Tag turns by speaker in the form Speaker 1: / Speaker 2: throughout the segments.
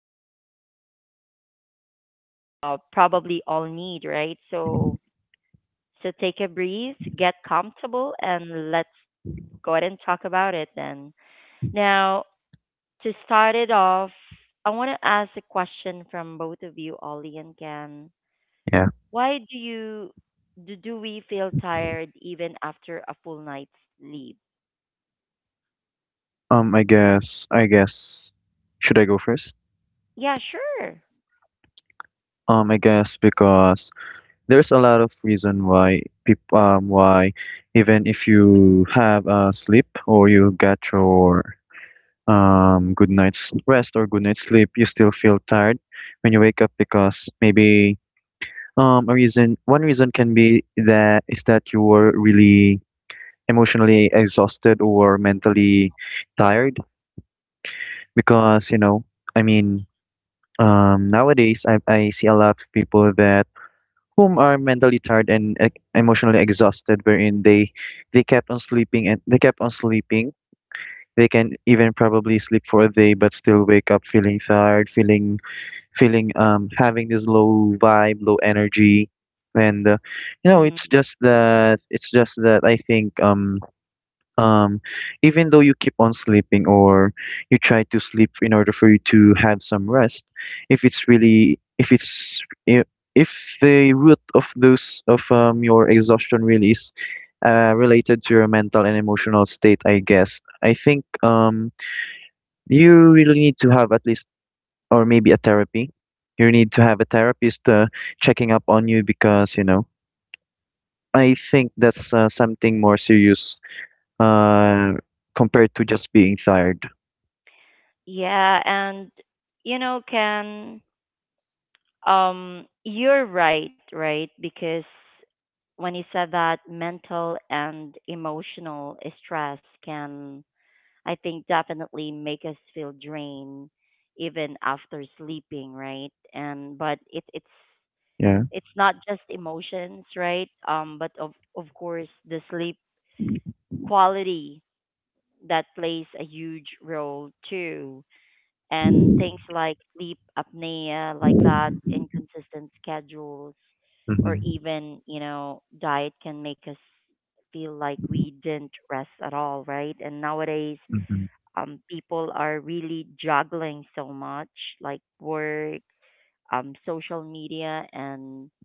Speaker 1: one we, probably all need, right? So, so take a breathe, get comfortable, and let's go ahead and talk about it then. Now, to start it off, I want to ask a question from both of you, Ollie and Ken.
Speaker 2: Yeah.
Speaker 1: Why do you do we feel tired even after a full night's sleep?
Speaker 2: I guess should I go first?
Speaker 1: Yeah, sure.
Speaker 2: I guess because there's a lot of reason why people why even if you have a sleep or you got your good night's rest or good night's sleep you still feel tired when you wake up because maybe a reason one reason can be that is that you were really emotionally exhausted or mentally tired because you know I mean nowadays I see a lot of people that whom are mentally tired and emotionally exhausted, wherein they kept on sleeping and they kept on sleeping. They can even probably sleep for a day, but still wake up feeling tired, feeling feeling having this low vibe, low energy, and you know
Speaker 1: Hmm.
Speaker 2: it's just that I think um even though you keep on sleeping or you try to sleep in order for you to have some rest if it's i- if the root of those of your exhaustion really is related to your mental and emotional state I guess I think you really need to have at least or maybe a therapy you need to have a therapist checking up on you because you know I think that's something more serious uh, compared to just being tired.
Speaker 1: Yeah, and you know, Ken, you're right, right? Because when you said that mental and emotional stress can, I think, definitely make us feel drained even after sleeping, right? And but it's
Speaker 2: Yeah.
Speaker 1: it's not just emotions, right? But of course the sleep quality, that plays a huge role too. And things like sleep apnea, like that, inconsistent schedules, or
Speaker 2: Mm-hmm.
Speaker 1: even, you know, diet can make us feel like we didn't rest at all, right? And nowadays,
Speaker 2: Mm-hmm.
Speaker 1: people are really juggling so much, like work, social media, and,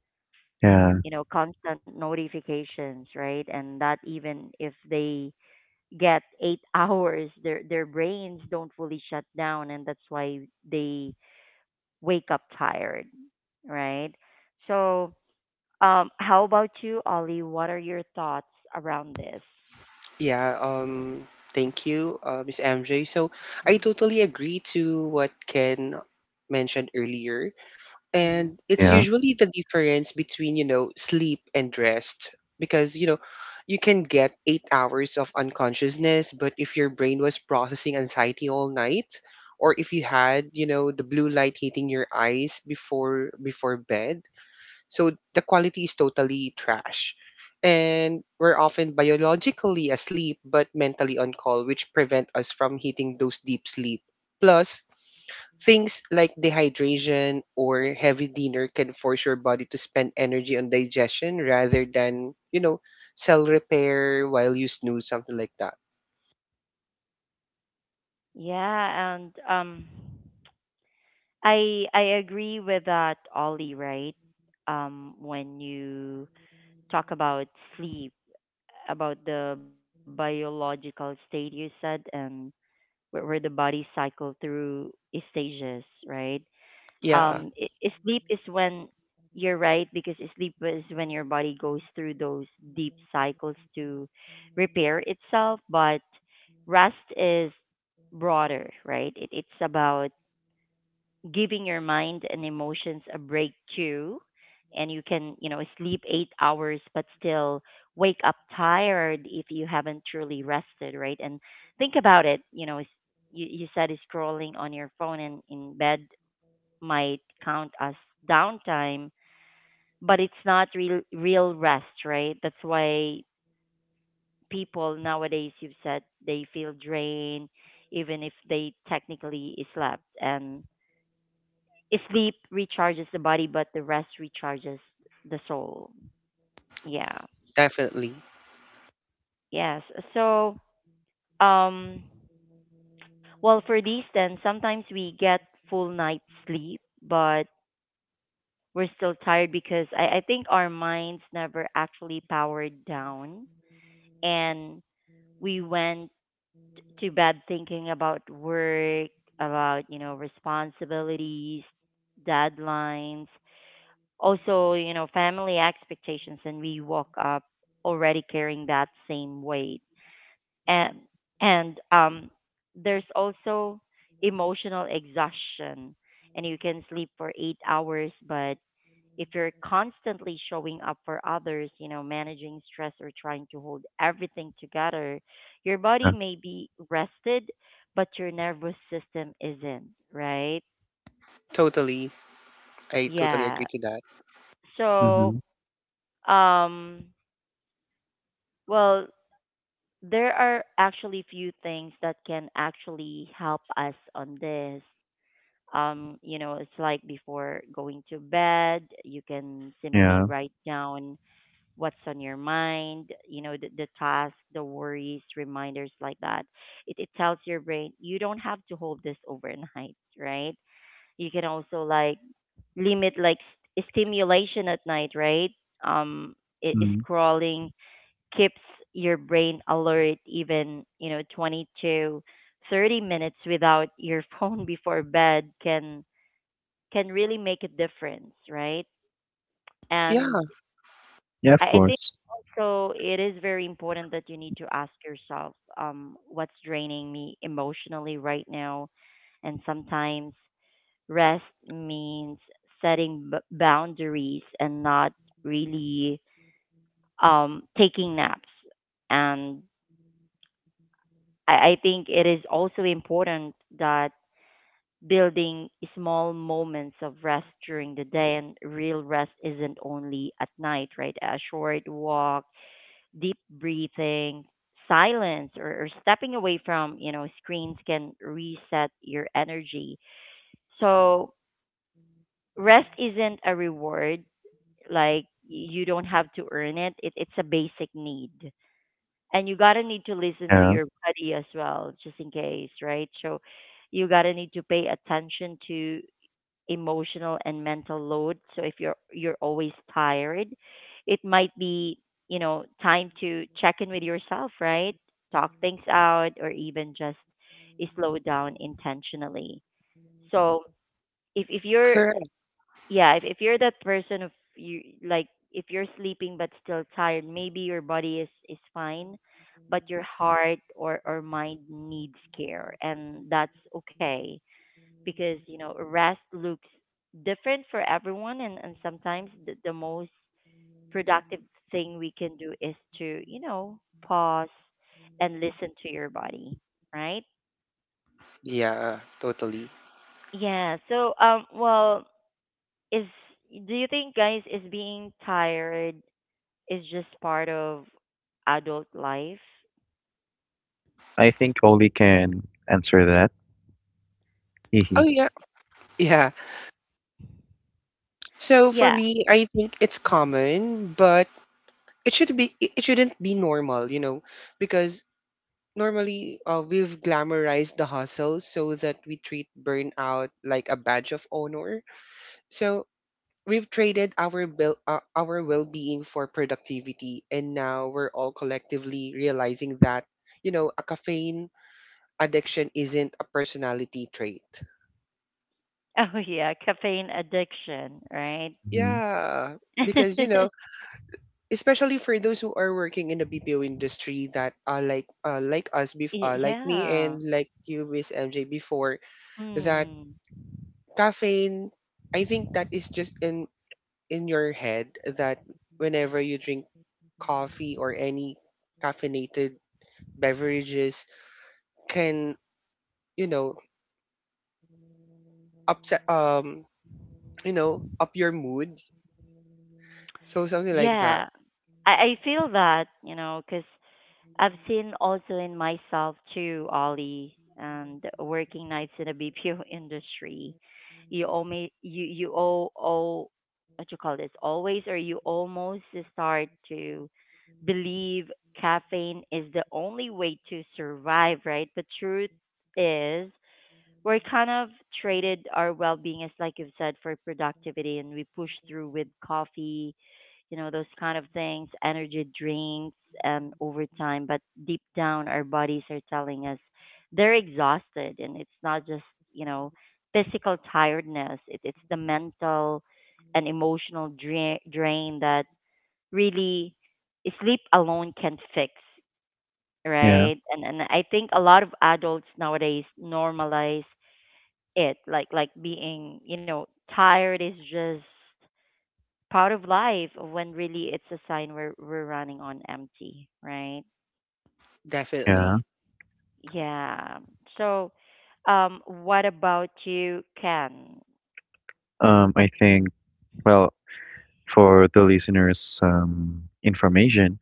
Speaker 2: Yeah.
Speaker 1: you know, constant notifications, right? And that even if they get eight hours, their brains don't fully shut down, and that's why they wake up tired, right? So, how about you, Ollie? What are your thoughts around this?
Speaker 3: Yeah, um, thank you, Miss MJ. So I totally agree to what Ken mentioned earlier.
Speaker 1: Mm-hmm.
Speaker 3: And it's
Speaker 2: Yeah.
Speaker 3: usually the difference between sleep and rest because you can get 8 hours of unconsciousness, but if your brain was processing anxiety all night, or if you had the blue light hitting your eyes before bed, so the quality is totally trash. And we're often biologically asleep but mentally on call, which prevent us from hitting those deep sleep. Plus, things like dehydration or heavy dinner can force your body to spend energy on digestion rather than, cell repair while you snooze, something like that.
Speaker 1: Yeah, and I agree with that, Ollie. Right? When you talk about sleep, about the biological state you said, and where the body cycle through stages, right?
Speaker 3: Yeah,
Speaker 1: Sleep is when you're right, because sleep is when your body goes through those deep cycles to repair itself, but rest is broader, right? It's about giving your mind and emotions a break too, and you can, you know, sleep 8 hours but still wake up tired if you haven't truly rested, right? And think about it, you know, you, you said scrolling on your phone and in bed might count as downtime, but it's not real rest, right? That's why people nowadays, you've said, they feel drained even if they technically slept. And sleep recharges the body, but the rest recharges the soul. Yeah.
Speaker 3: definitely.
Speaker 1: Yes. So, um, well, for these, then sometimes we get full night sleep, but we're still tired because I think our minds never actually powered down, and we went to bed thinking about work, about, you know, responsibilities, deadlines, also, you know, family expectations, and we woke up already carrying that same weight. And and there's also emotional exhaustion, and you can sleep for 8 hours, but if you're constantly showing up for others, you know, managing stress or trying to hold everything together, your
Speaker 2: Yeah.
Speaker 1: body may be rested, but your nervous system isn't, right?
Speaker 3: Totally. I totally agree
Speaker 1: Yeah.
Speaker 3: to that.
Speaker 1: So,
Speaker 2: Mm-hmm.
Speaker 1: um, well, there are actually few things that can actually help us on this. You know, it's like before going to bed, you can simply
Speaker 2: Yeah.
Speaker 1: write down what's on your mind, you know, the task, the worries, reminders like that. It tells your brain you don't have to hold this overnight, right? You can also like limit like stimulation at night, right? Um, i-
Speaker 2: Mm.
Speaker 1: Scrolling keeps your brain alert even, you know, 20 to 30 minutes without your phone before bed can really make a difference, right? And
Speaker 3: Yeah,
Speaker 2: Yeah, of
Speaker 1: I think
Speaker 2: course.
Speaker 1: also it is very important that you need to ask yourself, um, what's draining me emotionally right now, and sometimes rest means setting boundaries and not really, taking naps. And I think it is also important that building small moments of rest during the day, and real rest isn't only at night, right? A short walk, deep breathing, silence, or stepping away from, you know, screens can reset your energy. So rest isn't a reward. Like you don't have to earn it. It's a basic need. And you gotta need to listen to
Speaker 2: Yeah.
Speaker 1: your body as well, just in case, right? So you gotta need to pay attention to emotional and mental load. So if you're always tired, it might be, you know, time to check in with yourself, right? Talk things out, or even just slow down intentionally. So if you're,
Speaker 3: correct.
Speaker 1: yeah, if you're that person of you like, if you're sleeping but still tired, maybe your body is fine, but your heart or mind needs care, and that's okay, because you know rest looks different for everyone, and sometimes the most productive thing we can do is to, you know, pause and listen to your body, right?
Speaker 3: Yeah, totally.
Speaker 1: Yeah. So, well, is, do you think, guys, is being tired is just part of adult life.
Speaker 2: I think Oli can answer that.
Speaker 3: Oh,
Speaker 2: Hehe.
Speaker 3: yeah. Yeah. So for
Speaker 1: Yeah.
Speaker 3: me, I think it's
Speaker 1: Mm.
Speaker 3: common, but it it shouldn't be normal, you know, because normally we've glamorized the hustle so that we treat burnout like a badge of honor. So we've traded our bill, our well-being for productivity, and now we're all collectively realizing that, you know, a caffeine addiction isn't a personality trait.
Speaker 1: Oh yeah, caffeine addiction, right?
Speaker 2: Mm-hmm.
Speaker 3: Yeah, because especially for those who are working in the BPO industry that are like us
Speaker 1: Y-
Speaker 3: like me
Speaker 1: yeah.
Speaker 3: and like you Miss MJ before, that
Speaker 1: Mm.
Speaker 3: caffeine, I think that is just in your head, that whenever you drink coffee or any caffeinated beverages can, you know upset up your mood, so something like that.
Speaker 1: Yeah. I feel that, you know, because I've seen also in myself too, Ollie, and working nights in the BPO industry. You owe me, you owe what you call this always, or you almost start to believe caffeine is the only way to survive, right? But truth is, we're kind of traded our well being, as like you've said, for productivity, and we push through with coffee, you know, those kind of things, energy drinks, and over time. But deep down, our bodies are telling us they're exhausted, and it's not just, you know, physical tiredness, it's the mental and emotional drain that really sleep alone can fix,
Speaker 2: Yeah.
Speaker 1: right? And I think a lot of adults nowadays normalize it, like being, you know, tired is just part of life, when really it's a sign we're running on empty, right?
Speaker 2: Yeah.
Speaker 3: Definitely,
Speaker 1: Yeah. So, um, what about you, Ken?
Speaker 2: I think, well, for the listeners' information,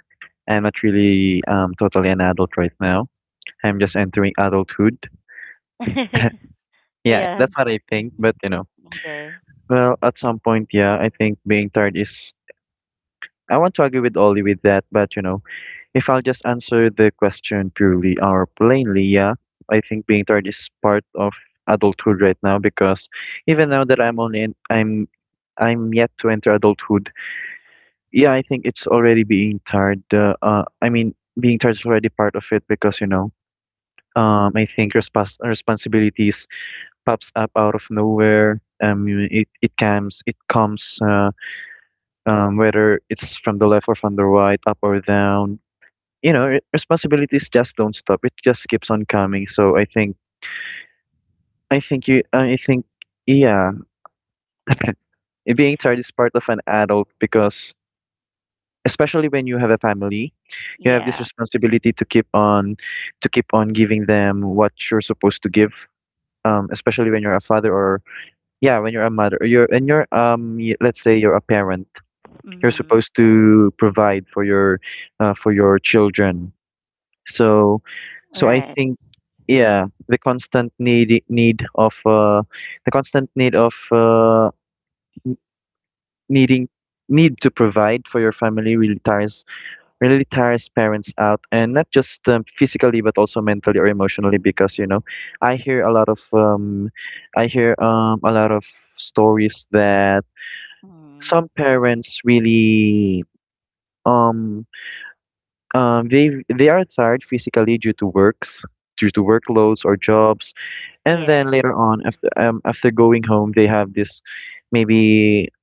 Speaker 2: I'm not really totally an adult right now. I'm just entering adulthood. Yeah,
Speaker 1: Yeah.
Speaker 2: that's what I think.
Speaker 1: Mhm.
Speaker 2: But you know,
Speaker 1: Okay.
Speaker 2: well, at some point, yeah, I think being tired is I want to agree with Ollie with that, but you know, if I'll just answer the question purely or plainly, yeah, I think being tired is part of adulthood right now because even now that
Speaker 1: Mhm.
Speaker 2: I'm yet to enter adulthood. Yeah, I think it's already being tired. I mean, being tired is already part of it because you know, I think responsibilities pops up out of nowhere. Um, it it comes whether it's from the left or from the right, up or down you know responsibilities just don't stop it just keeps on coming so I think you I think yeah, being tired is part of an adult because especially when you have a family you have this
Speaker 1: Yeah.
Speaker 2: responsibility to keep on giving them what you're supposed to give especially when you're a father or yeah when you're a mother or you're let's say you're a parent you're
Speaker 1: Mhm.
Speaker 2: supposed to provide for your children. So I
Speaker 1: Right.
Speaker 2: think yeah, the constant need of needing need to provide for your family really tires parents out and not just physically but also mentally or emotionally because you know I hear a lot of um I hear a lot of stories that
Speaker 1: Mhm.
Speaker 2: some parents really um um they they are tired physically due to works due to workloads or jobs. And
Speaker 1: Yeah.
Speaker 2: then later on, after after going home, they have this maybe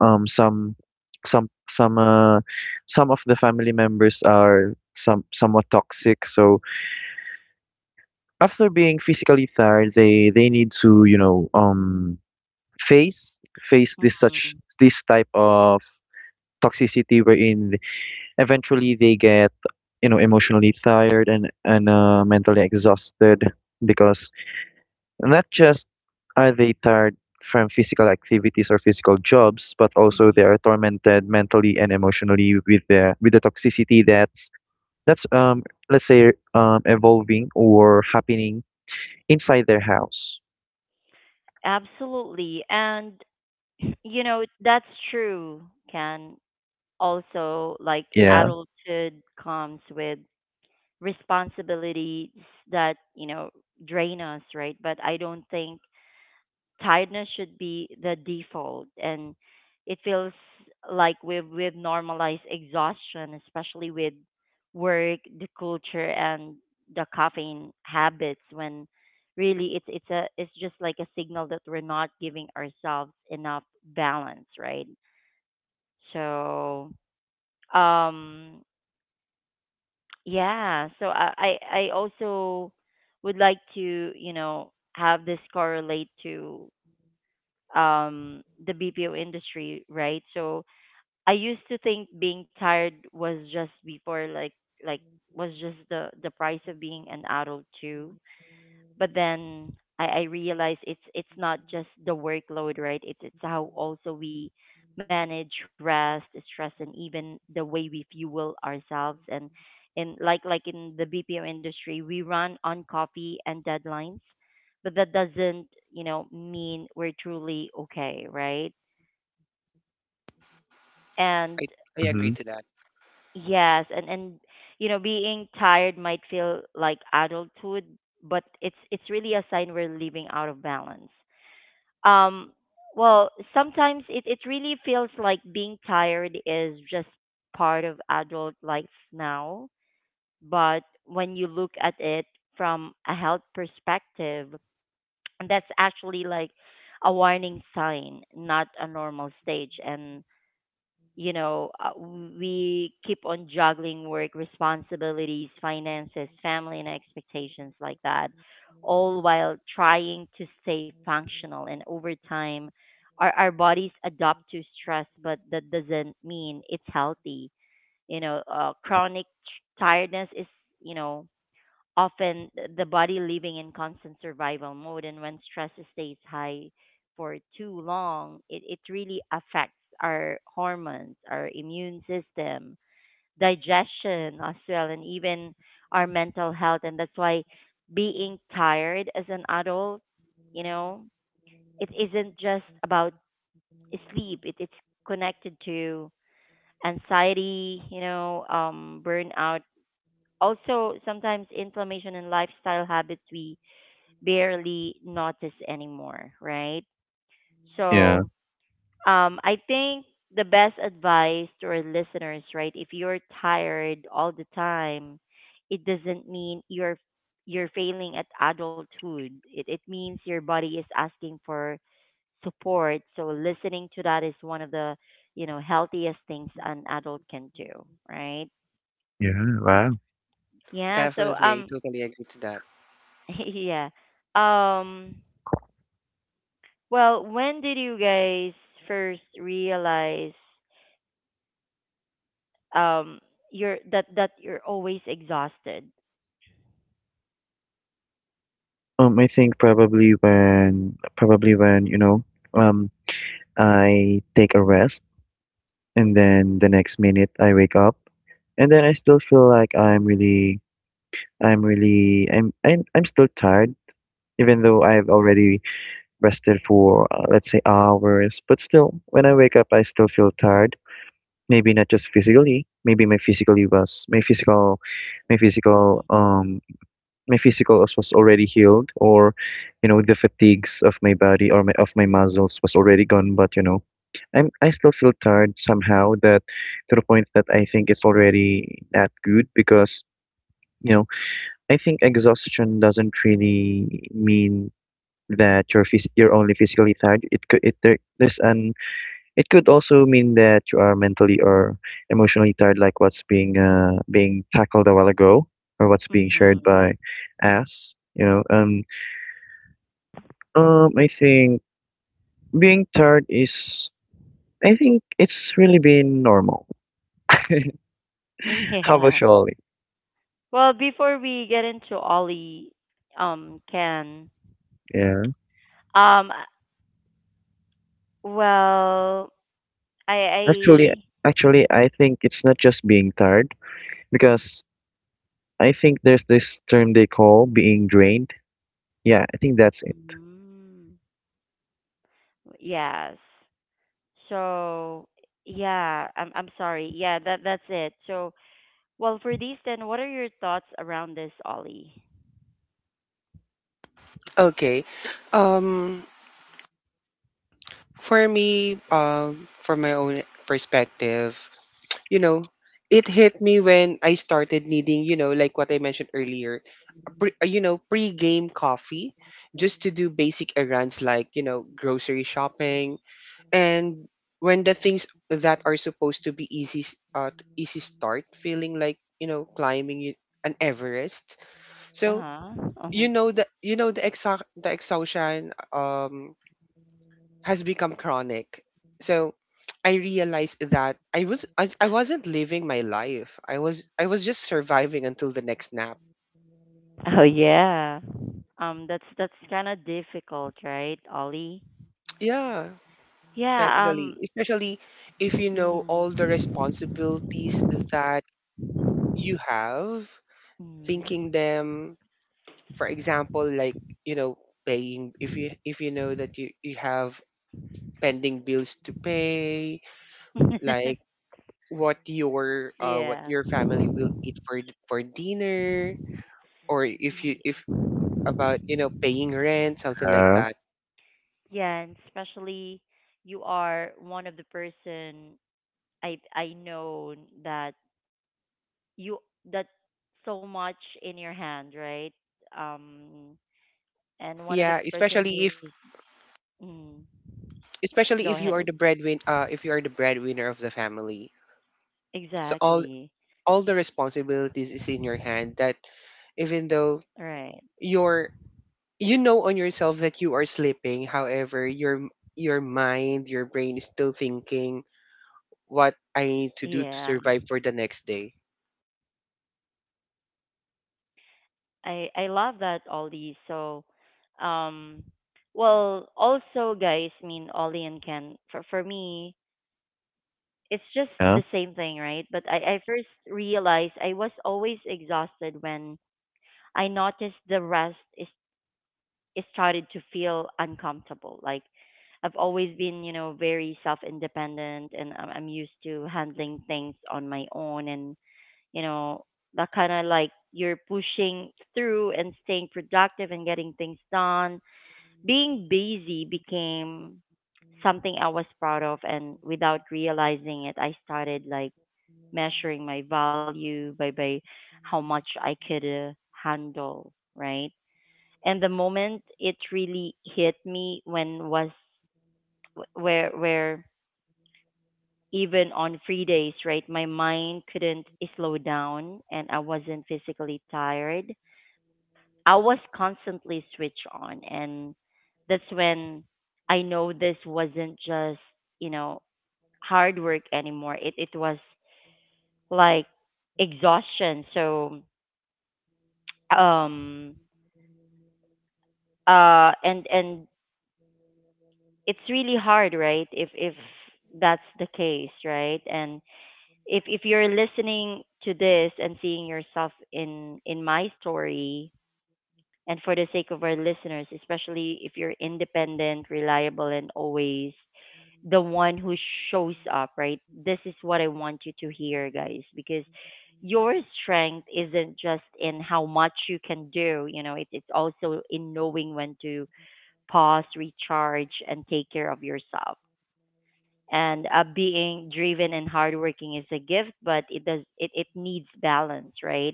Speaker 2: some some some uh some of the family members are some somewhat toxic. So after being physically tired, they need to, you know, face this such
Speaker 1: Mhm.
Speaker 2: this type of toxicity wherein eventually they get, you know, emotionally tired and mentally exhausted because not just are they tired from physical activities or physical jobs, but also they are
Speaker 1: Mhm.
Speaker 2: tormented mentally and emotionally with the toxicity that's that's um let's say evolving or happening inside their house.
Speaker 1: Absolutely. And, you know, that's true, Ken. Also, like
Speaker 2: Yeah.
Speaker 1: adulthood comes with responsibilities that, you know, drain us, right? But I don't think tiredness should be the default, and it feels like we've normalized exhaustion, especially with work, the culture, and the caffeine habits, when really it's a, it's just like a signal that we're not giving ourselves enough balance, right? So, um, yeah, so I also would like to, you know, have this correlate to, um, the BPO industry, right? So I used to think being tired was just before, like was just the price of being an adult too, but then I realize it's not just the workload, right? It's how also we manage rest, stress, and even the way we fuel ourselves. And in like in the BPO industry, we run on coffee and deadlines, but that doesn't, you know, mean we're truly okay, right? And
Speaker 3: I I
Speaker 2: Mm-hmm.
Speaker 3: agree to that.
Speaker 1: yes, and, you know, being tired might feel like adulthood, but it's really a sign we're living out of balance. Um, well, sometimes it really feels like being tired is just part of adult life now. But when you look at it from a health perspective, that's actually like a warning sign, not a normal stage. And you know, we keep on juggling work responsibilities, finances, family, and expectations like that, all while trying to stay functional. And over time, our bodies adapt to stress, but that doesn't mean it's healthy. You know, chronic tiredness is, you know, often the body living in constant survival mode, and when stress stays high for too long, it really affects our hormones, our immune system, digestion as well, and even our mental health. And that's why being tired as an adult, you know, it isn't just about sleep, it's connected to anxiety, you know, um, burnout, also sometimes inflammation and lifestyle habits we barely notice anymore, right?
Speaker 2: Yeah.
Speaker 1: So, I think the best advice to our listeners, right? If you're tired all the time, it doesn't mean you're failing at adulthood. It means your body is asking for support. So listening to that is one of the healthiest things an adult can do, right?
Speaker 2: Yeah. Wow.
Speaker 1: Yeah. So
Speaker 3: Definitely, I totally agree to that.
Speaker 1: yeah. Um, Well, when did you guys first realize um you're that that you're always exhausted?
Speaker 2: I think probably when you know um I take a rest and then the next minute I wake up and then I still feel like I'm still tired, even though I've already rested for let's say hours. But still, when I wake up, I still feel tired. Maybe not just physically. Maybe my physically was my physical, my physical um my physical was already healed, or you know the fatigues of my body or my muscles was already gone. But you know, I still feel tired somehow. That to the point that I think it's already not good because. You know, I think exhaustion doesn't really mean that you're only physically tired. It could it there, there's an it could also mean that you are mentally or emotionally tired, like what's being being tackled a while ago, or what's being shared
Speaker 1: Hmm.
Speaker 2: by us. You know, I think being tired is I think it's really been normal. How about
Speaker 1: Yeah.
Speaker 2: you, Ollie?
Speaker 1: Well, before we get into Ollie, Ken,
Speaker 2: Yeah,
Speaker 1: um, well, I,
Speaker 2: actually,
Speaker 1: I,
Speaker 2: actually, I think it's not just being tired because I think there's this term they call being drained. Yeah, I think that's it.
Speaker 1: mm, yes. So, yeah, I'm sorry. Yeah, that's it. So, well, for these then, what are your thoughts around this, Ollie?
Speaker 3: Okay, um for me, from my own perspective, you know, it hit me when I started needing, you know, like what I mentioned earlier, a you know, pre-game coffee just to do basic errands like, you know, grocery shopping, and when the things that are supposed to be easy start feeling like, you know, climbing an Everest. So,
Speaker 1: Uh-huh. Uh-huh.
Speaker 3: the exhaustion has become chronic. So I realized that I wasn't living my life. I was just surviving until the next nap.
Speaker 1: Oh yeah. Um, that's kind of difficult, right, Ollie?
Speaker 3: Yeah,
Speaker 1: Yeah,
Speaker 3: technically,
Speaker 1: um,
Speaker 3: especially if you know all the
Speaker 1: mm,
Speaker 3: responsibilities that you have,
Speaker 1: mm.
Speaker 3: thinking them, for example, like, you know, paying if you know that you have pending bills to pay, like what
Speaker 1: Yeah.
Speaker 3: your family will eat for for dinner, or if you,
Speaker 1: Y-
Speaker 3: if, about you know paying rent, something like
Speaker 2: Yeah.
Speaker 3: that.
Speaker 1: Yeah, and especially you are one of the person I know that you that so much in your hand, right? Um, and one of the
Speaker 3: Yeah,
Speaker 1: person who's mm, go ahead.
Speaker 3: especially if you are the breadwin if you are the breadwinner of the family, so
Speaker 1: Exactly.
Speaker 3: all the responsibilities is in your hand, that even though
Speaker 1: Right.
Speaker 3: you're, you know, on yourself, that you are sleeping, however your mind, your brain, is still thinking what I need
Speaker 1: Yeah.
Speaker 3: to do to survive for the next day.
Speaker 1: I love that, Ollie. So, um, well, also guys, I mean Ollie and Ken. For me, it's just the same thing, right? But
Speaker 2: Yeah.
Speaker 1: I first realized I was always exhausted when I noticed the rest is it started to feel uncomfortable. Like I've always been, you know, very self independent, and I'm used to handling things on my own and you know, that kind of like you're pushing through and staying productive and getting things done. Being busy became something I was proud of, and without realizing it, I started like measuring my value by how much I could handle, right? And the moment it really hit me when was where even on free days, right, my mind couldn't slow down and I wasn't physically tired. I was constantly switched on, and that's when I know this wasn't just, you know, hard work anymore. It was like exhaustion. So um and it's really hard, right? If that's the case, right? And if you're listening to this and seeing yourself in my story, and for the sake of our listeners, especially if you're independent, reliable, and always the one who shows up, right? This is what I want you to hear, guys, because your strength isn't just in how much you can do, you know, it's also in knowing when to pause, recharge, and take care of yourself. And being driven and hardworking is a gift, but it needs balance, right?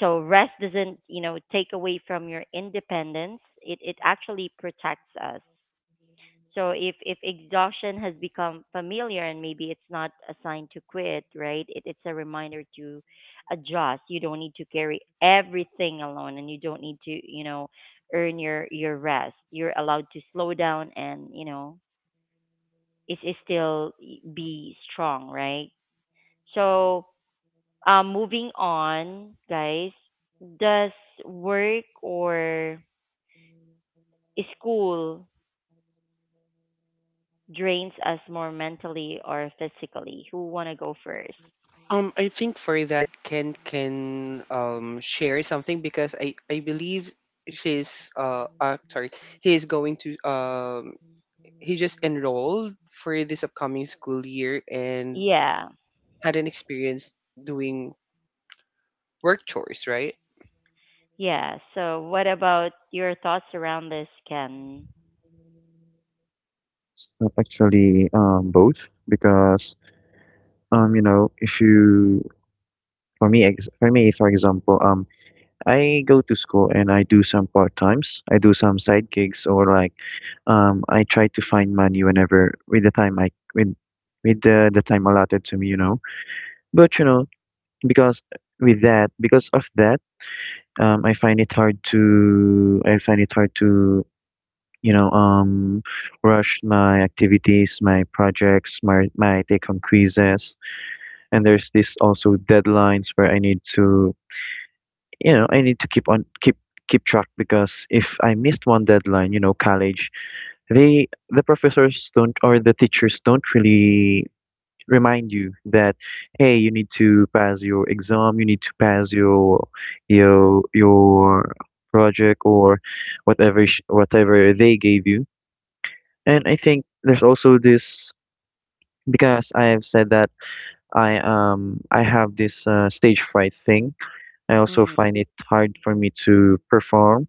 Speaker 1: So rest doesn't, you know, take away from your independence. It actually protects us. So if exhaustion has become familiar and maybe it's not a sign to quit, right? It, it's a reminder to adjust. You don't need to carry everything alone, and you don't need to, you know, earn your rest. You're allowed to slow down and, you know, is still be strong, right? So moving on, guys, does work or school drains us more mentally or physically? Who want to go first?
Speaker 3: I think for that, Ken can share something because I believe she's sorry, he's going to he just enrolled for this upcoming school year and
Speaker 1: Yeah,
Speaker 3: had an experience doing work chores, right?
Speaker 1: yeah. So, what about your thoughts around this, Ken?
Speaker 2: actually, both because you know, if you for me, ex for me, for example, I go to school and I do some part times. I do some side gigs or like I try to find money whenever with with the time allotted to me, you know. But you know, because because of that, I find it hard to you know, rush my activities, my projects, my take home quizzes, and there's this also deadlines where I need to, you know, I need to keep on keep track because if I missed one deadline, you know, college, the professors don't or the teachers don't really remind you that hey you need to pass your exam you need to pass your your project or whatever they gave you. And I think there's also this because I have said that I have this stage fright thing. I also
Speaker 1: Mm,
Speaker 2: find it hard for me to perform,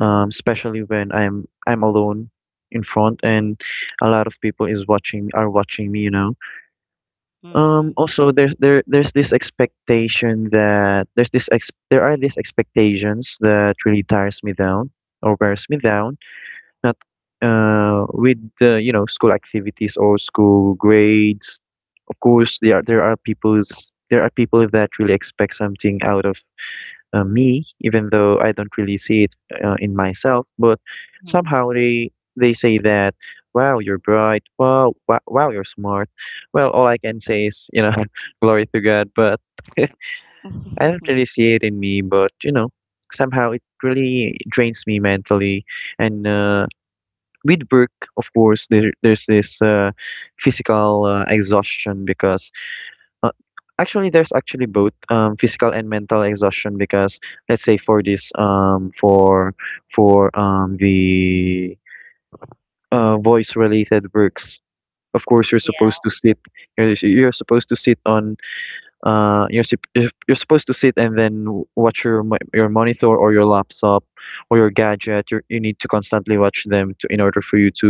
Speaker 2: especially when I'm alone in front and a lot of people is watching are watching me, you know.
Speaker 1: mm,
Speaker 2: Also there's this expectation that there's this ex there are these expectations that really tires me down or wears me down not with the you know school activities or school grades. Of course, there are people's there are people that really expect something out of me, even though I don't really see it in myself. But
Speaker 1: mm.
Speaker 2: somehow they say that, wow, you're bright, wow, you're smart. Well, all I can say is you know, glory to God. But I don't really see it in me. But you know, somehow it really drains me mentally and. With work, of course, there's this physical exhaustion because uh, actually there's actually both physical and mental exhaustion because let's say for this for the voice related works, of course you're supposed to
Speaker 1: Yeah,
Speaker 2: sit you're supposed to sit on you're supposed to sit and then watch your your monitor or your laptop or your gadget you you need to constantly watch them to, in order for you to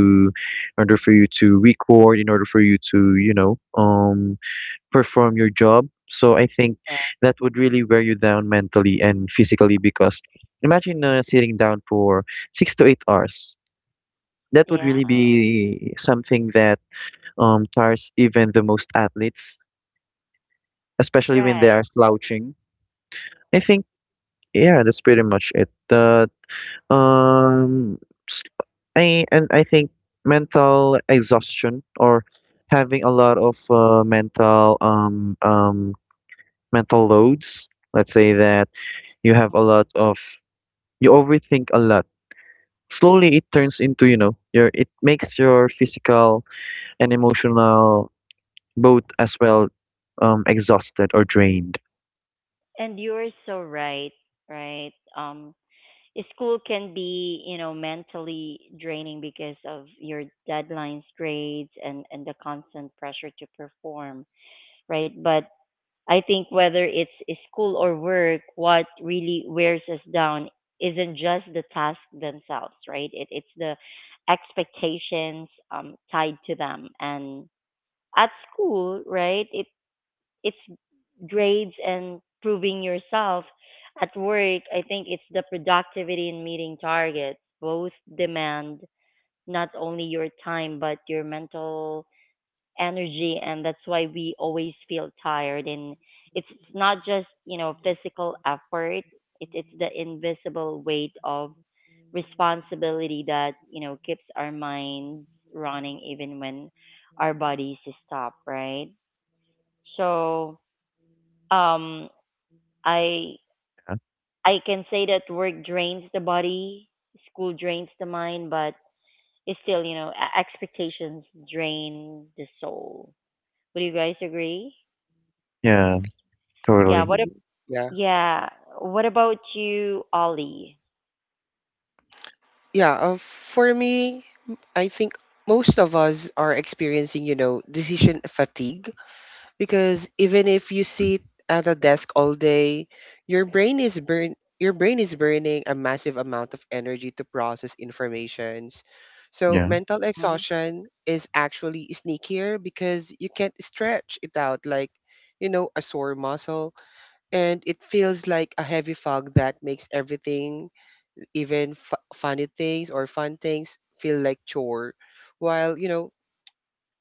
Speaker 2: record in order for you to you know perform your job so I think
Speaker 1: yeah,
Speaker 2: that would really wear you down mentally and physically because imagine sitting down for 6 to 8 hours that would
Speaker 1: yeah,
Speaker 2: really be something that tires even the most athletes especially when they are
Speaker 1: right.
Speaker 2: slouching I think. Yeah, that's pretty much it. Um, s- I and I think mental exhaustion or having a lot of mental mental loads. Let's say that you have
Speaker 1: Mm.
Speaker 2: a lot of you overthink a lot. Slowly it turns into, you know, your it makes your physical and emotional both as well exhausted or drained.
Speaker 1: And you're so right, right? Um, school can be, you know, mentally draining because of your deadlines, grades, and the constant pressure to perform, right? But I think whether it's a school or work, what really wears us down isn't just the tasks themselves, right? It, it's the expectations tied to them, and at school, right, it's grades and proving yourself. At work, I think it's the productivity and meeting targets. Both demand not only your time but your mental energy, and that's why we always feel tired. And it's not just, you know, physical effort. It, it's the invisible weight of responsibility that, you know, keeps our minds running even when our bodies stop, right? So um, I I can say that work drains the body, school drains the mind, but it's still, you know, e- expectations drain the soul. Would you guys agree?
Speaker 2: Yeah,
Speaker 1: Yeah,
Speaker 2: totally.
Speaker 1: what ab-
Speaker 3: Mhm. Yeah.
Speaker 1: yeah, what about you, Ollie?
Speaker 3: Yeah, for me, I think most of us are experiencing, you know, decision fatigue because even if you sit at a desk all day, your brain is burn your brain is burning a massive amount of energy to process informations, so
Speaker 2: Yeah,
Speaker 3: mental
Speaker 1: Hmm.
Speaker 3: exhaustion is actually sneakier because you can't stretch it out like, you know, a sore muscle, and it feels like a heavy fog that makes everything, even funny things or fun things, feel like chore, while, you know,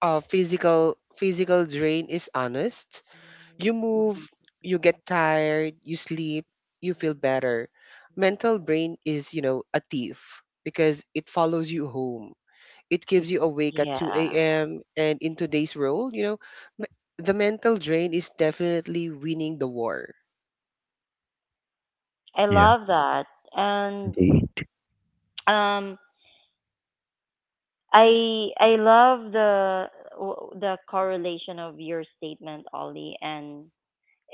Speaker 3: physical drain is honest. You move,
Speaker 1: Hmm.
Speaker 3: you get tired, you sleep, you feel better. Mental brain is, you know, a thief because it follows you home. It keeps you awake at
Speaker 1: Yeah.
Speaker 3: 2 a.m. And in today's world, you know, m- the mental drain is definitely winning the war.
Speaker 1: I
Speaker 2: yeah,
Speaker 1: love that. And
Speaker 2: indeed.
Speaker 1: um, I love the w- the correlation of your statement, Ollie, and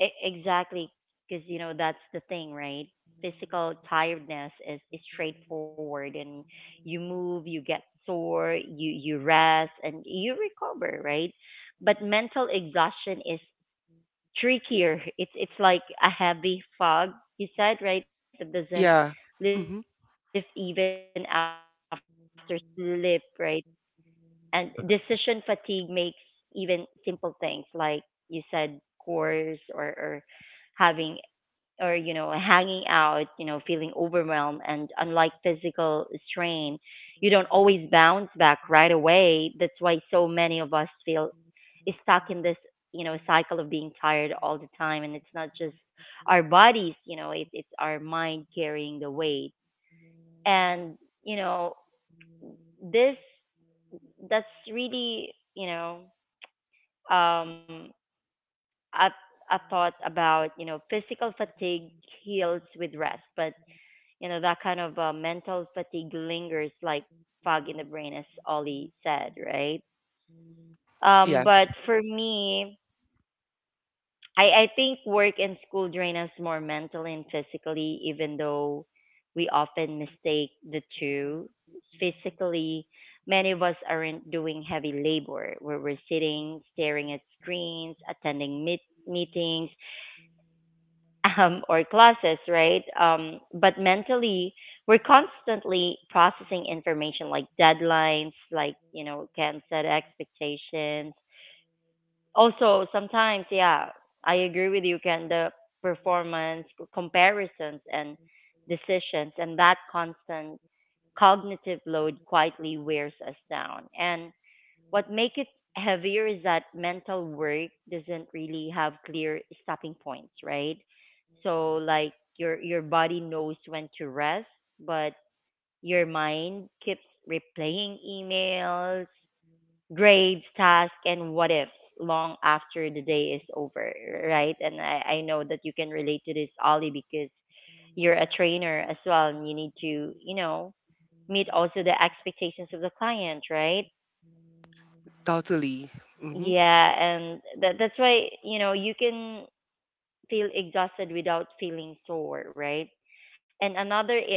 Speaker 1: E- exactly, because you know that's the thing, right? Physical tiredness is straightforward, and you move, you get sore, you rest, and you recover, right? But mental exhaustion is trickier. It's like a heavy fog, you said, right? That doesn't
Speaker 3: Yeah.
Speaker 1: lift even
Speaker 3: Hmm.
Speaker 1: after sleep, right? And decision fatigue makes even simple things, like you said, chores or having or, you know, hanging out, you know, feeling overwhelmed. And unlike physical strain, you don't always bounce back right away. That's why so many of us feel stuck in this, you know, cycle of being tired all the time, and it's not just our bodies, you know, it, it's our mind carrying the weight. And you know, this that's really, you know, um, a, a thought about, you know, physical fatigue heals with rest, but, you know, that kind of mental fatigue lingers like fog in the brain, as Ollie said, right?
Speaker 3: Yeah,
Speaker 1: But for me, I think work and school drain us more mentally and physically, even though we often mistake the two. Physically, many of us aren't doing heavy labor where we're sitting, staring at screens, attending meet- meetings, or classes, right? But mentally, we're constantly processing information like deadlines, like, you know, can set expectations. Also, sometimes, yeah, I agree with you, Ken, the performance comparisons and decisions and that constant cognitive load quietly wears us down. And what makes it heavier is that mental work doesn't really have clear stopping points, right? So like your body knows when to rest, but your mind keeps replaying emails, grades, tasks, and what ifs long after the day is over, right? And I know that you can relate to this, Ollie, because you're a trainer as well, and you need to, you know, meet also the expectations of the client, right?
Speaker 3: totally. Hmm.
Speaker 1: Yeah, and that that's why, you know, you can feel exhausted without feeling sore, right? And another is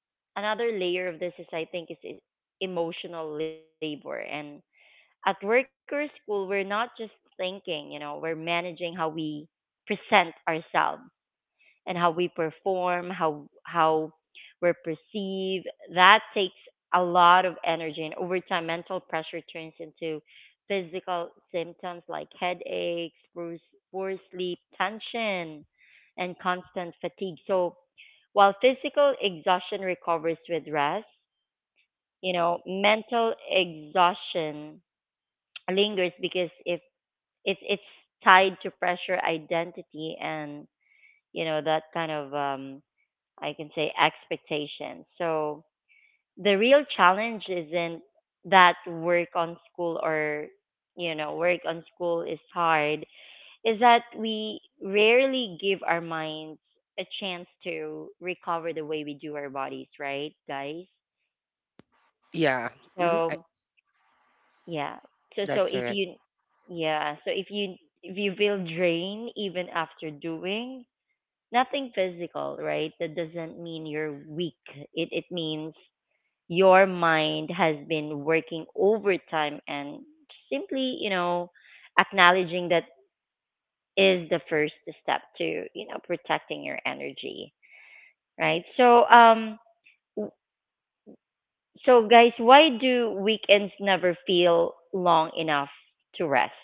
Speaker 1: another layer of this is I think is e- emotional labor. And at work or school, we're not just thinking, you know, we're managing how we present ourselves and how we perform, how we're perceived. That takes a lot of energy, and over time, mental pressure turns into physical symptoms like headaches, poor, poor sleep, tension, and constant fatigue. So while physical exhaustion recovers with rest, you know, mental exhaustion lingers because if it's tied to pressure, identity, and you know that kind of I can say expectations. So the real challenge isn't that work on school or, you know, work on school is hard, is that we rarely give our minds a chance to recover the way we do our bodies, right, guys?
Speaker 3: Yeah. Hmm.
Speaker 1: So yeah, so so
Speaker 3: That's
Speaker 1: if
Speaker 3: correct.
Speaker 1: you yeah so if you feel drained even after doing nothing physical, right, that doesn't mean you're weak. It means your mind has been working overtime, and simply, you know, acknowledging that is the first step to, you know, protecting your energy, right? So, um, w- so guys, why do weekends never feel long enough to rest?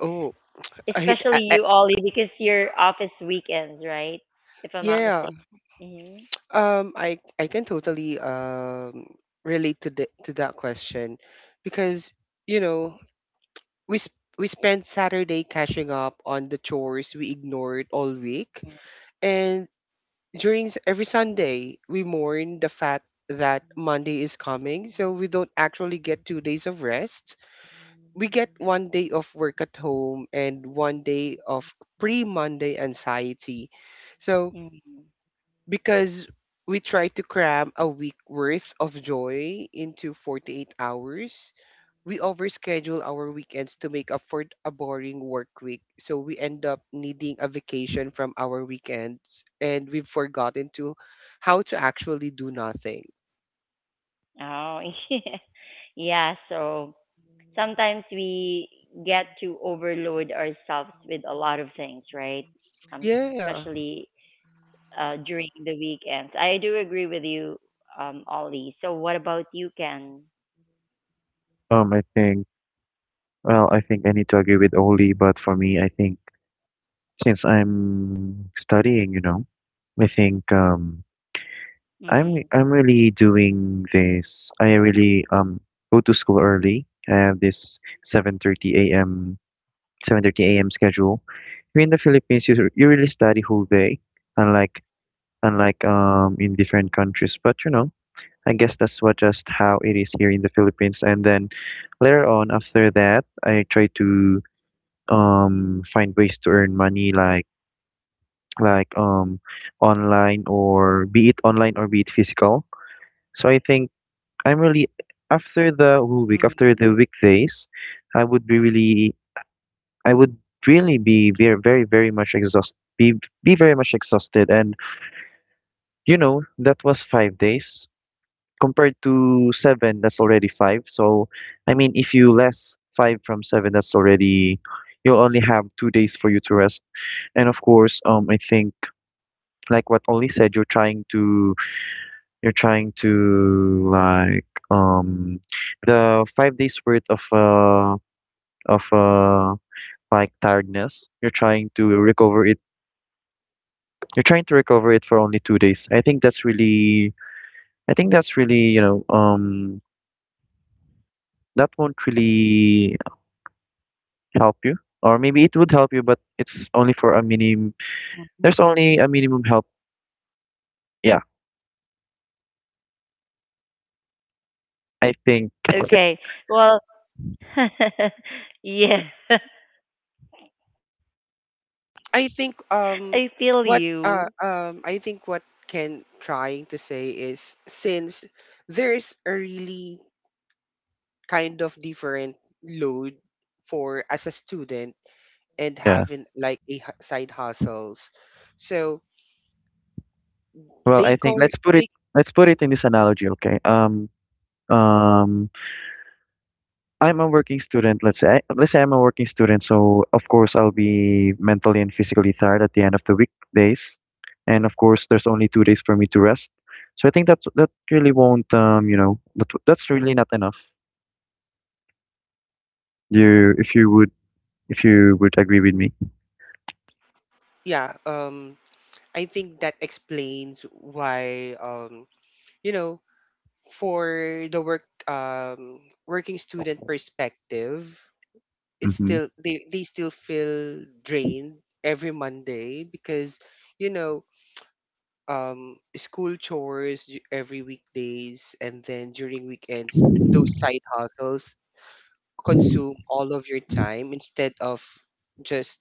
Speaker 3: Oh, I,
Speaker 1: Especially
Speaker 3: I, I,
Speaker 1: you, Ollie, because your office weekends, right? If I'm not
Speaker 3: yeah.
Speaker 1: mistaken. Mhm.
Speaker 3: I can totally relate to the to that question because you know we spent Saturday catching up on the chores we ignored all week, and during every Sunday we mourn the fact that Monday is coming, so we don't actually get 2 days of rest. We get 1 day of work at home and 1 day of pre-Monday anxiety. So
Speaker 1: Mhm.
Speaker 3: because we try to cram a week worth of joy into 48 hours. We overschedule our weekends to make up for a boring work week. So we end up needing a vacation from our weekends, and we've forgotten to how to actually do nothing.
Speaker 1: Oh, yeah. Yeah, so sometimes we get to overload ourselves with a lot of things, right?
Speaker 3: Yeah.
Speaker 1: Especially during the weekends. I do agree with you, Ollie. So what about you, Ken?
Speaker 2: I think. Well, I think I need to agree with Oli, but for me, I think since I'm studying, you know, I think
Speaker 1: Hmm.
Speaker 2: I'm really doing this. I really go to school early. I have this 7:30 a.m. Schedule. Here in the Philippines, you really study whole day, unlike unlike in different countries. But you know, I guess that's what just how it is here in the Philippines. And then later on, after that, I try to. Find ways to earn money like like online, or be it physical. So I think I'm really
Speaker 1: Mm.
Speaker 2: after the whole week, after the weekdays, I would be really I would really be very much exhausted be very much exhausted. And you know, that was 5 days compared to seven, that's already five. So I mean, if you less five from seven, that's already, you'll only have 2 days for you to rest. And of course, I think, like what Oli said, you're trying to, like, the 5 days worth of of uh like tiredness. You're trying to recover it. You're trying to recover it for only 2 days. I think that's really, I think that's really, that won't really help you, or maybe it would help you, but it's only for a minimum. There's only a minimum help. Yeah, I think.
Speaker 1: Mm. Okay. Well, yeah, I
Speaker 3: I
Speaker 1: feel
Speaker 3: think
Speaker 1: you.
Speaker 3: what I think what Ken trying to say is, since there's a really kind of different load for as a student and
Speaker 2: Yeah.
Speaker 3: having like a side hustles, so
Speaker 2: Well,
Speaker 3: they
Speaker 2: I think
Speaker 3: call
Speaker 2: let's put it,
Speaker 3: they
Speaker 2: let's put it in this analogy, okay? Um I'm a working student. Let's say I'm a working student, so of course I'll be mentally and physically tired at the end of the weekdays. And of course, there's only 2 days for me to rest. So I think that's, that really won't, you know, that's really not enough. You If you would, if you would agree with me.
Speaker 3: yeah, I think that explains why, you know, for the working student perspective, it's
Speaker 2: Mm-hmm.
Speaker 3: still they still feel drained every Monday because, you know, school chores every weekdays, and then during weekends those side hustles consume all of your time instead of just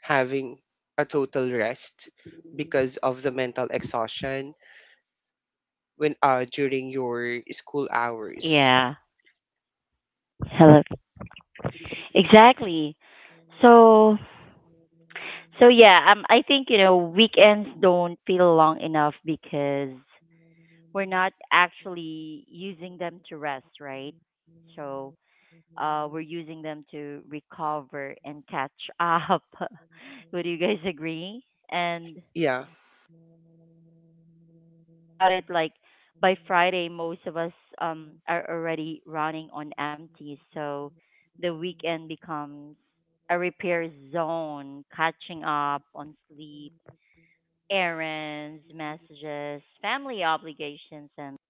Speaker 3: having a total rest, because of the mental exhaustion when, during your
Speaker 1: Yeah.
Speaker 3: school hours.
Speaker 1: Hello. Exactly. So, so yeah, I think, you know, weekends don't feel long enough because we're not actually using them to rest, right? So we're using them to recover and catch up. Would you guys agree? And
Speaker 3: Yeah,
Speaker 1: think about it. Like by Friday, most of us are already running on empty. So the weekend becomes a repair zone, catching up on sleep, errands, messages, family obligations, and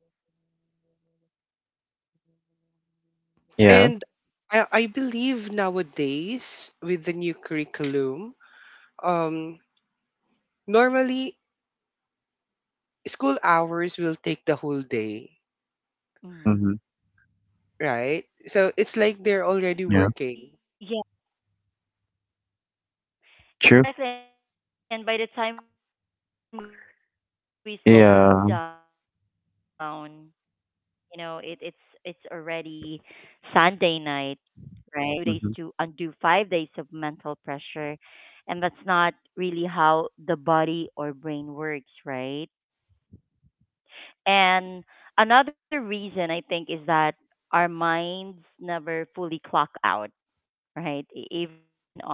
Speaker 2: Yeah.
Speaker 3: and I believe nowadays with the new curriculum, um normally school hours will take the whole day,
Speaker 2: Mm-hmm.
Speaker 1: mhm.
Speaker 3: right? So it's like they're already
Speaker 2: Yeah.
Speaker 3: working.
Speaker 1: Exactly, and by
Speaker 2: True.
Speaker 1: the time we slow down, you know, it's already
Speaker 2: Yeah.
Speaker 1: Sunday night, right? And what's really interesting is that we expect two days to
Speaker 2: Mm-hmm.
Speaker 1: undo five days of mental pressure, and that's not really how the body or brain works, right? And another reason I think is that our minds never fully clock out, right? E- Even on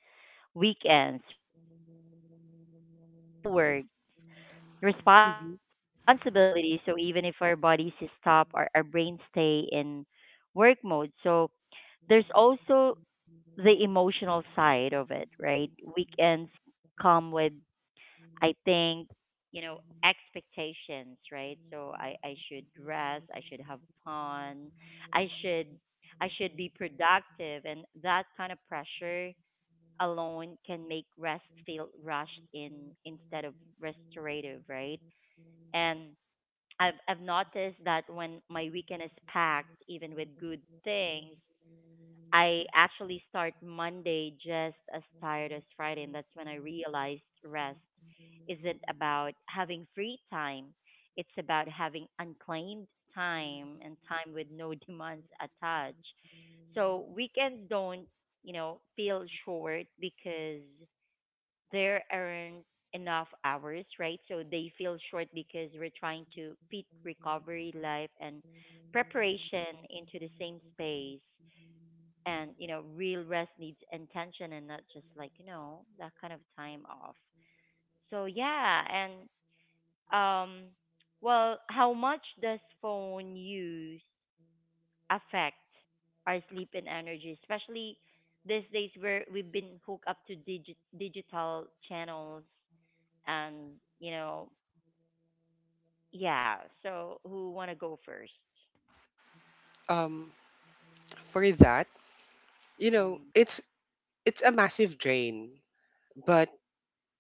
Speaker 1: weekends, we're thinking ahead, Monday, meetings, deadlines, schoolwork,
Speaker 3: Mhm.
Speaker 1: responsibilities. So even if our bodies stop, our brains stay in work mode. So there's also the emotional side of it, right? Weekends come with, I think, you know, expectations, right? So I should rest, I should have fun, I should I should be productive, and that kind of pressure alone can make rest feel rushed in instead of restorative, right? And I've noticed that when my weekend is packed, even with good things, I actually start Monday just as tired as Friday, and that's when I realized rest isn't about having free time. It's about having unclaimed time and time with no demands attached. So weekends don't, feel short because there aren't enough hours, right? So they feel short because we're trying to fit recovery, life, and preparation into the same space. And real rest needs intention and not just like that kind of time off. So yeah. And um well how much does phone use affect our sleep and energy, especially these days where we've been hooked up to digital channels and you know yeah, so who want to go first?
Speaker 3: Um, for that, you know,
Speaker 1: Mm,
Speaker 3: it's a massive drain, but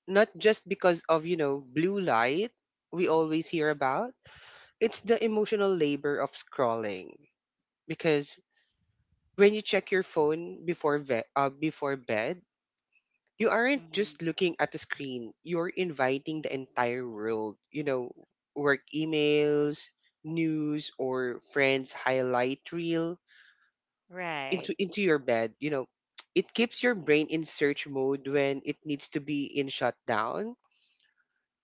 Speaker 3: not just because of, you know, blue light we always hear about. It's the emotional labor of scrolling, because when you check your phone before bed, you aren't just
Speaker 1: mm,
Speaker 3: looking at the screen, you're inviting the entire world, you know, work emails, news, or friends' highlight reel
Speaker 1: right.
Speaker 3: into your bed. You know, it keeps your brain in search mode when it needs to be in shutdown.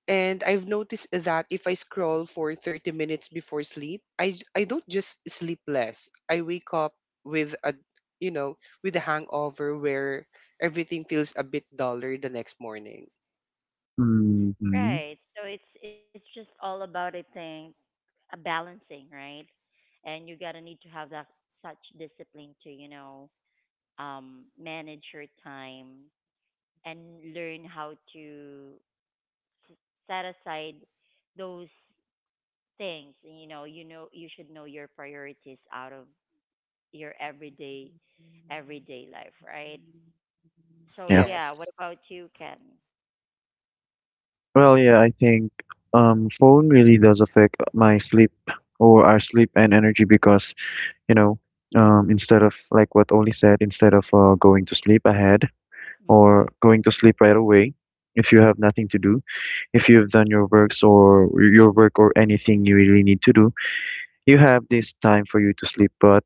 Speaker 3: And I've noticed that if I scroll for 30 minutes before sleep, I don't just sleep less. I wake up with you know, with a hangover where everything feels a bit duller the next morning.
Speaker 2: Mm-hmm.
Speaker 1: Right, so it's just all about, I think, a balancing, right? And you gotta need to have that such discipline to, you know, manage your time and learn how to s- set aside those things. And, you should know your priorities out of your everyday life, right? So
Speaker 2: Yeah.
Speaker 1: yeah, what
Speaker 3: Yes.
Speaker 1: about you, Ken?
Speaker 2: Well, yeah, I think phone really does affect my sleep, or our sleep and energy, because you know, instead of like what Oli said, instead of going to sleep ahead, or
Speaker 1: Hmm.
Speaker 2: going to sleep right away, if you have nothing to do, if you've done your works, or your work, or anything you really need to do, you have this time for you to sleep. But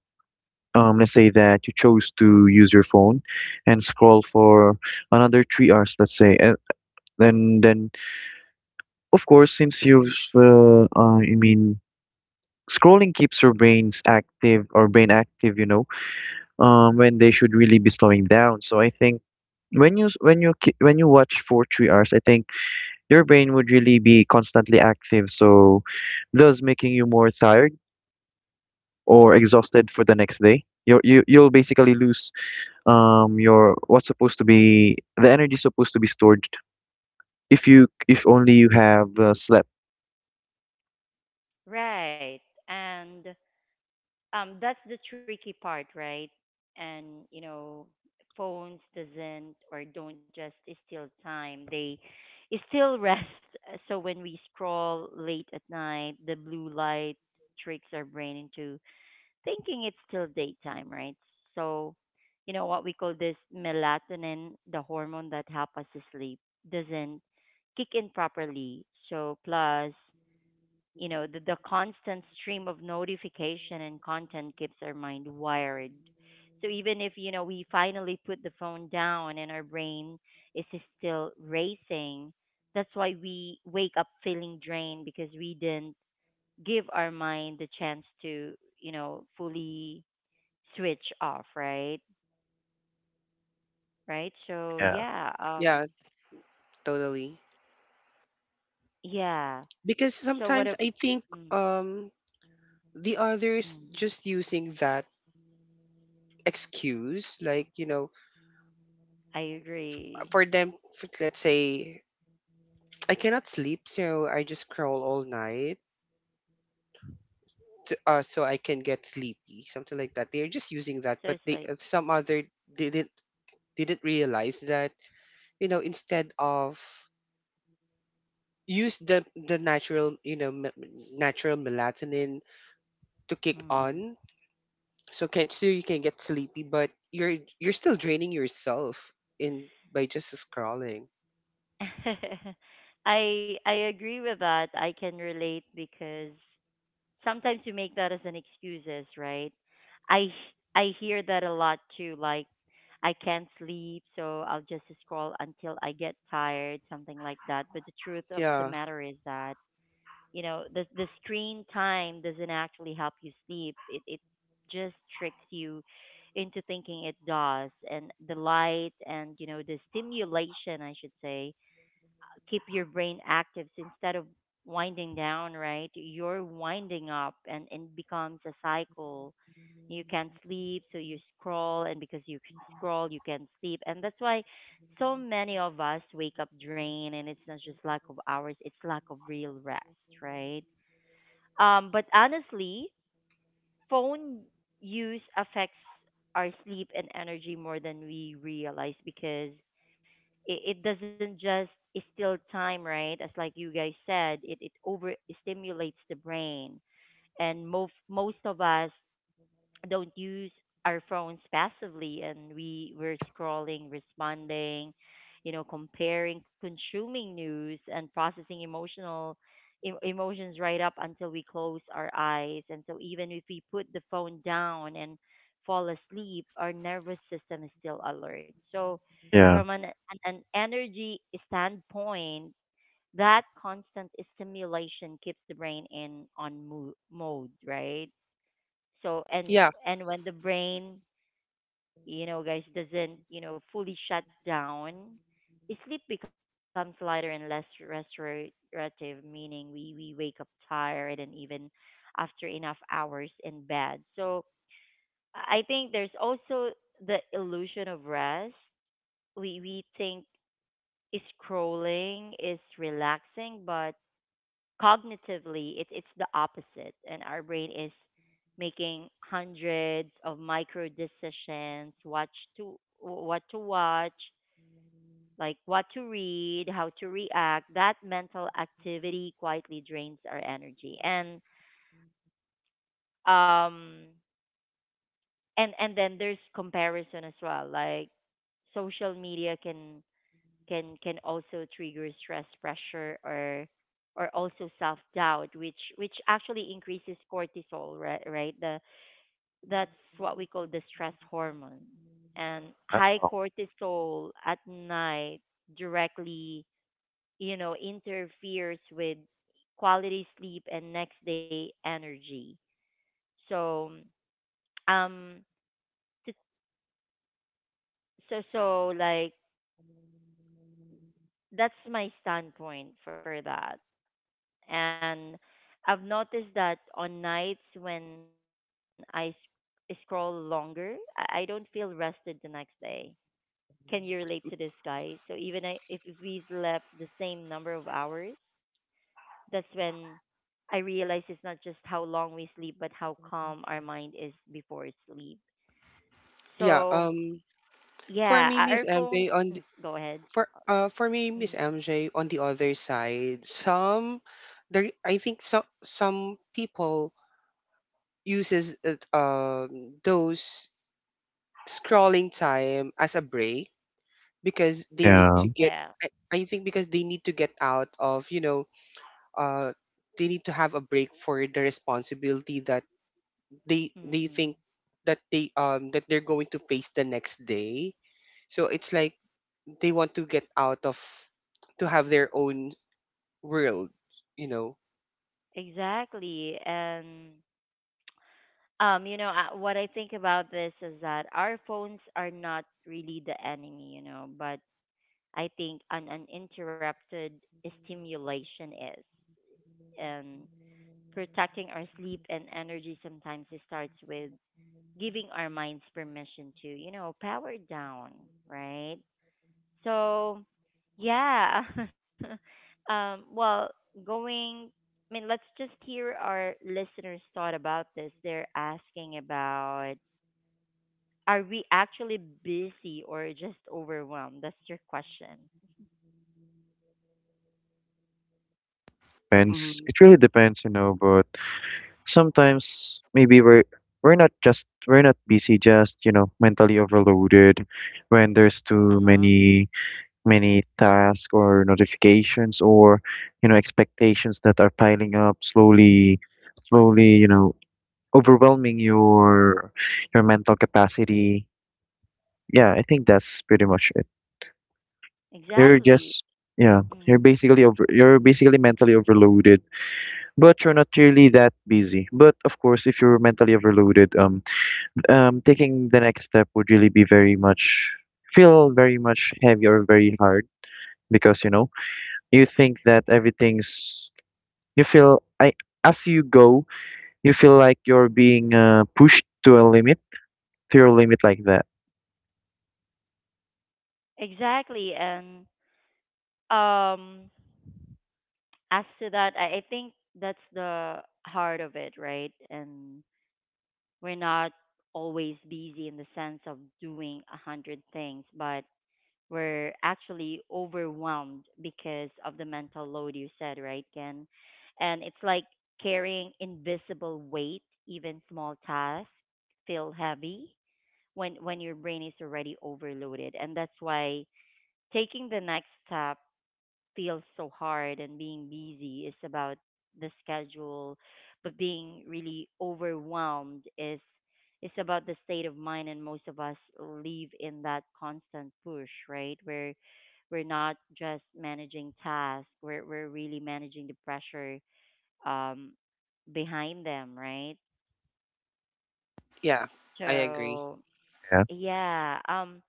Speaker 2: let's say that you chose to use your phone and scroll for another 3 hours, let's say, and then of course, since you've I mean, scrolling keeps your brains active, or brain active, you know, when they should really be slowing down. So I think when you watch for 3 hours, I think your brain would really be constantly active, so thus making you more tired or exhausted for the next day. You'll basically lose your what's supposed to be the energy supposed to be stored, if you if only you have slept.
Speaker 1: Right. And that's the tricky part, right? And you know phones doesn't or don't just steal time, they still rest. So when we scroll late at night, the blue light tricks our brain into thinking it's still daytime, right? So you know what we call this melatonin, the hormone that help us to sleep, doesn't kick in properly. So plus you know the constant stream of notification and content keeps our mind wired. So even if you know we finally put the phone down and our brain is still racing, that's why we wake up feeling drained, because we didn't give our mind the chance to you know fully switch off, right? Right, so
Speaker 2: Yeah,
Speaker 1: yeah.
Speaker 3: Yeah, totally.
Speaker 1: Yeah
Speaker 3: Because
Speaker 1: so what a
Speaker 3: sometimes I think
Speaker 1: mm,
Speaker 3: um the others
Speaker 1: mm,
Speaker 3: just using that excuse, like, you know,
Speaker 1: I agree.
Speaker 3: for them, for, let's say, I cannot sleep, so I just crawl all night. So I can get sleepy, something like that. They're just using that,
Speaker 1: So
Speaker 3: but
Speaker 1: it's
Speaker 3: they,
Speaker 1: like
Speaker 3: some other didn't didn't realize that, you know, instead of use the natural, you know, natural melatonin to kick
Speaker 1: mm.
Speaker 3: on, so can, so you can get sleepy but you're still draining yourself in by just scrolling.
Speaker 1: I agree with that. I can relate because sometimes you make that as an excuses, right? I I hear that a lot too. Like I can't sleep, so I'll just scroll until I get tired, something like that. But the truth of the
Speaker 3: Yeah.
Speaker 1: matter is that you know the screen time doesn't actually help you sleep. It just tricks you into thinking it does, and the light and you know the stimulation, I should say, keep your brain active. So instead of winding down, right, you're winding up, and it becomes a cycle. You can't sleep, so you scroll, and because you scroll, you can't sleep. And that's why so many of us wake up drained, and it's not just lack of hours, it's lack of real rest, right? But honestly, phone use affects our sleep and energy more than we realize, because it doesn't just steal time, right? As like you guys said, it over stimulates the brain. And most of us don't use our phones passively, and we were scrolling, responding, you know, comparing, consuming news and processing emotional emotions right up until we close our eyes. And so even if we put the phone down and fall asleep, our nervous system is still alert. So
Speaker 2: yeah,
Speaker 1: from an energy standpoint, that constant stimulation keeps the brain in on mode, right? so and
Speaker 3: Yeah.
Speaker 1: and when the brain you know guys doesn't you know fully shut down, sleep becomes lighter and less restorative, meaning we wake up tired and even after enough hours in bed. So I think there's also the illusion of rest. We think is scrolling is relaxing, but cognitively, it's the opposite, and our brain is making hundreds of micro decisions, what to watch, like what to read, how to react. That mental activity quietly drains our energy. And um, and and then there's comparison as well, like social media can can also trigger stress, pressure, or also self doubt, which actually increases cortisol, right? Right. The that's what we call the stress hormone. And
Speaker 2: uh,
Speaker 1: high cortisol at night directly, you know, interferes with quality sleep and next day energy. So, um, to, so like that's my standpoint for that. And I've noticed that on nights when I scroll longer, I don't feel rested the next day. Can you relate to this, guy? So even if we slept the same number of hours, that's when I realize it's not just how long we sleep, but how calm our mind is before sleep.
Speaker 3: yeah
Speaker 1: So
Speaker 3: um for
Speaker 1: yeah,
Speaker 3: me miss
Speaker 1: our
Speaker 3: mj
Speaker 1: phones.
Speaker 3: on the,
Speaker 1: Mm, go ahead.
Speaker 3: for me, Miss
Speaker 1: Mm,
Speaker 3: MJ, on the other side, some there, I think some people uses it, those scrolling time as a break because they need
Speaker 2: yeah.
Speaker 3: to get, I,
Speaker 1: yeah.
Speaker 3: I think because they need to get out of, you know, uh, they need to have a break for the responsibility that they think
Speaker 1: Mm-mm.
Speaker 3: that they, that they're going to face the next day. So it's like they want to get out of, to have their own world, you know.
Speaker 1: Exactly. And you know, what I think about this is that our phones are not really the enemy, you know, but I think an uninterrupted stimulation is. And protecting our sleep and energy sometimes it starts with giving our minds permission to, you know, power down, right? So, yeah. Well, going, let's just hear our listeners' thought about this. They're asking about, are we actually busy or just overwhelmed? That's your question.
Speaker 2: Depends.
Speaker 3: Mm,
Speaker 2: It really depends, you know. But. Sometimes maybe we're not busy, just you know, mentally overloaded, when there's too
Speaker 1: Uh huh.
Speaker 2: many tasks, or notifications, or you know, expectations that are piling up slowly, you know, overwhelming your mental capacity. Yeah, I think that's pretty much it. You're
Speaker 1: Exactly.
Speaker 2: just, yeah,
Speaker 1: Mm.
Speaker 2: you're basically mentally overloaded, but you're not really that busy. But of course, if you're mentally overloaded, taking the next step would really be very much, feel very much heavy, or very hard. Because you know, you think that everything's, you feel I as you go, you feel like you're being pushed to a limit, to your limit, like that.
Speaker 1: Exactly. And um, as to that, I think that's the heart of it, right? And we're not always busy in the sense of doing a hundred things, but we're actually overwhelmed because of the mental load you said, right, Ken? And it's like carrying invisible weight, even small tasks feel heavy when your brain is already overloaded. And that's why taking the next step feels so hard, and being busy is about the schedule, but being really overwhelmed is about the state of mind, and most of us live in that constant push, right? Where we're not just managing tasks, we're really managing the pressure um behind them, right?
Speaker 3: yeah, I agree.
Speaker 1: So
Speaker 2: Yeah,
Speaker 1: yeah.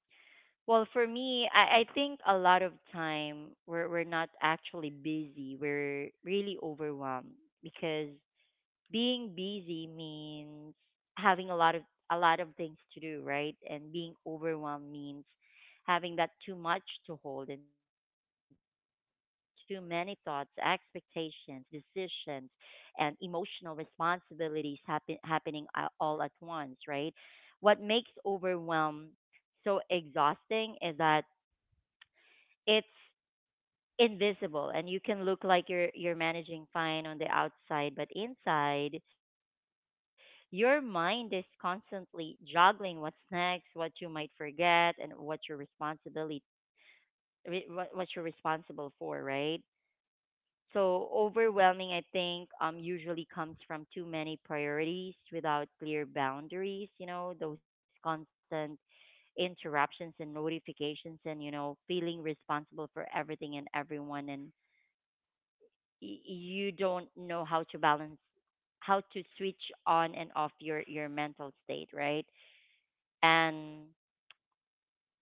Speaker 1: Well, for me, I think a lot of time we're not actually busy. We're really overwhelmed because being busy means having a lot of things to do, right? And being overwhelmed means having that too much to hold and too many thoughts, expectations, decisions, and emotional responsibilities happening all at once, right? What makes overwhelm so exhausting is that it's invisible, and you can look like you're managing fine on the outside, but inside your mind is constantly juggling what's next, what you might forget, and what you're responsibility what you're responsible for, right? So overwhelming, I think, usually comes from too many priorities without clear boundaries, you know, those constant interruptions and notifications, and you know feeling responsible for everything and everyone, and you don't know how to balance, how to switch on and off your mental state, right? And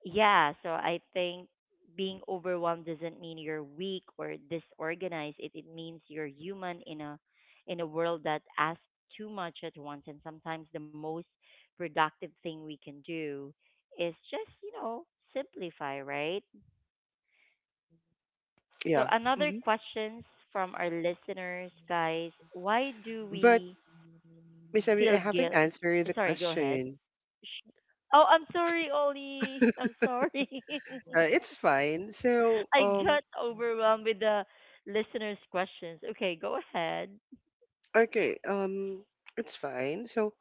Speaker 1: yeah, so I think being overwhelmed doesn't mean you're weak or disorganized, it means you're human in a world that asks too much at once, and sometimes the most productive thing we can do is just you know simplify, right? So
Speaker 3: Yeah.
Speaker 1: another
Speaker 3: Hmm.
Speaker 1: questions from our listeners guys, why do
Speaker 3: But
Speaker 1: we
Speaker 3: Miss Emily, I
Speaker 1: feel
Speaker 3: haven't
Speaker 1: guilt.
Speaker 3: answered the
Speaker 1: Sorry, go ahead.
Speaker 3: question.
Speaker 1: Sh- Oh, I'm sorry, Ollie. I'm sorry.
Speaker 3: It's fine. So,
Speaker 1: I got overwhelmed with the listeners' questions. Okay, go ahead.
Speaker 3: okay, it's fine. So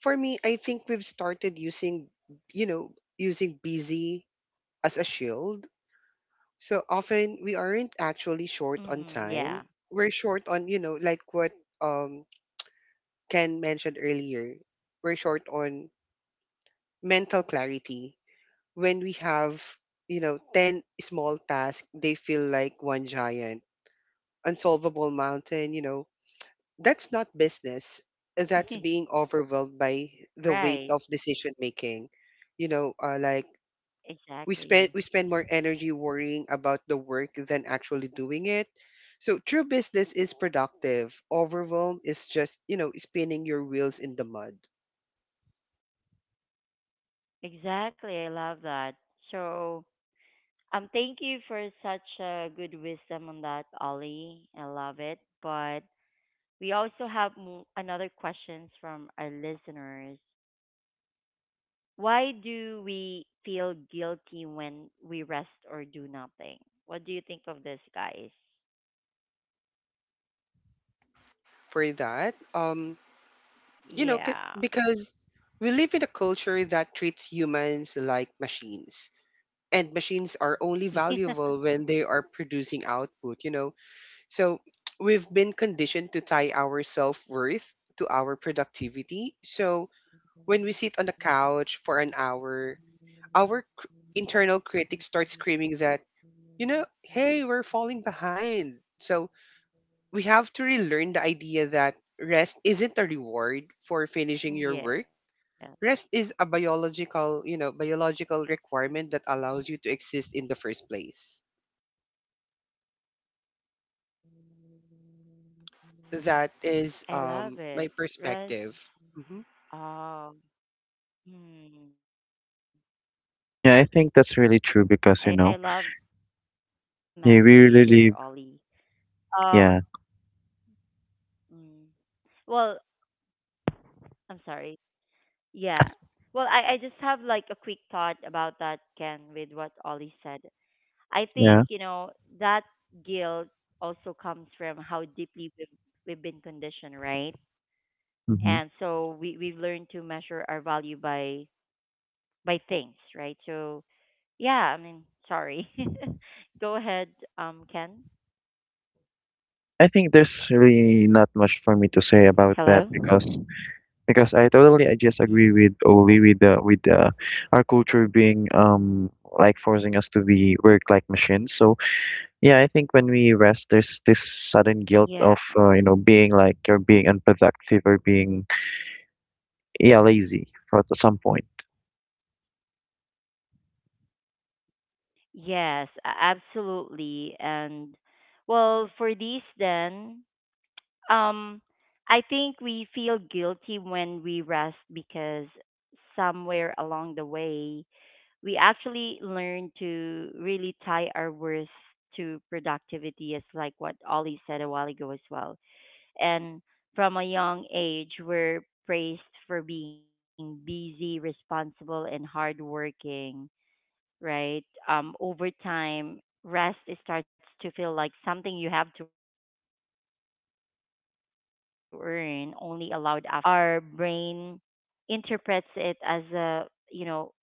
Speaker 3: for me, I think we've started using, you know, using busy as a shield. So often we aren't actually short on
Speaker 1: Mm-hmm, yeah.
Speaker 3: time. We're short on, you know, like what um Ken mentioned earlier, we're short on mental clarity. When we have, you know, 10 small tasks, they feel like one giant, unsolvable mountain, you know. That's not business. That's being overwhelmed by the
Speaker 1: Right.
Speaker 3: weight of decision making. You know, like
Speaker 1: Exactly.
Speaker 3: we spend more energy worrying about the work than actually doing it. So true business is productive, overwhelm is just, you know, spinning your wheels in the mud.
Speaker 1: Exactly. I love that. So, thank you for such a good wisdom on that, Ollie. I love it. But we also have another questions from our listeners. Why do we feel guilty when we rest or do nothing? What do you think of this, guys?
Speaker 3: For that,
Speaker 1: Yeah.
Speaker 3: because we live in a culture that treats humans like machines, and machines are only
Speaker 1: Yeah.
Speaker 3: valuable when they are producing output, you know. So we've been conditioned to tie our self-worth to our productivity, so when we sit on the couch for an hour, our internal critic starts screaming that, you know, hey, we're falling behind. So we have to relearn the idea that rest isn't a reward for
Speaker 1: Yeah,
Speaker 3: finishing your work. Rest is a biological, biological requirement that allows you to exist in the first place.
Speaker 1: I
Speaker 3: That
Speaker 1: love it.
Speaker 3: is,
Speaker 1: Rest.
Speaker 3: my perspective. Hmm.
Speaker 1: Um, hmm.
Speaker 2: yeah, I
Speaker 1: I
Speaker 2: think
Speaker 1: love the
Speaker 2: that's really true,
Speaker 1: message
Speaker 2: because
Speaker 1: there,
Speaker 2: you know,
Speaker 1: Ollie. Um,
Speaker 2: you really live.
Speaker 1: mm,
Speaker 2: Yeah,
Speaker 1: well, I'm sorry. Yeah. Well, I just have like a quick thought about that, Ken, with what Ollie said. I think, you know, that
Speaker 2: yeah.
Speaker 1: guilt also comes from how deeply we've been conditioned, right? And so we've
Speaker 2: Hmm,
Speaker 1: learned to measure our value by things, right? So yeah, I mean, sorry. Go ahead, Ken.
Speaker 2: I think there's really not much for me to
Speaker 1: Hello.
Speaker 2: say about that, because
Speaker 1: Mm.
Speaker 2: I just agree with Oli, with the our culture being like forcing us to be work like machines. So yeah, I think when we rest, there's this
Speaker 1: Yeah.
Speaker 2: sudden guilt of, you know, being like you're being unproductive, or being, yeah, lazy for at some point.
Speaker 1: Yes, absolutely. And well, for these then, Um, I think we feel guilty when we rest because somewhere along the way, we actually learn to really tie our worth to productivity, as like what Ollie said a while ago as well. And from a young age, we're praised for being busy, responsible, and hardworking, right? Over time, rest it starts to feel like something you have to earn, only allowed after you've done enough. So when we do nothing, our brain interprets it as a, you know,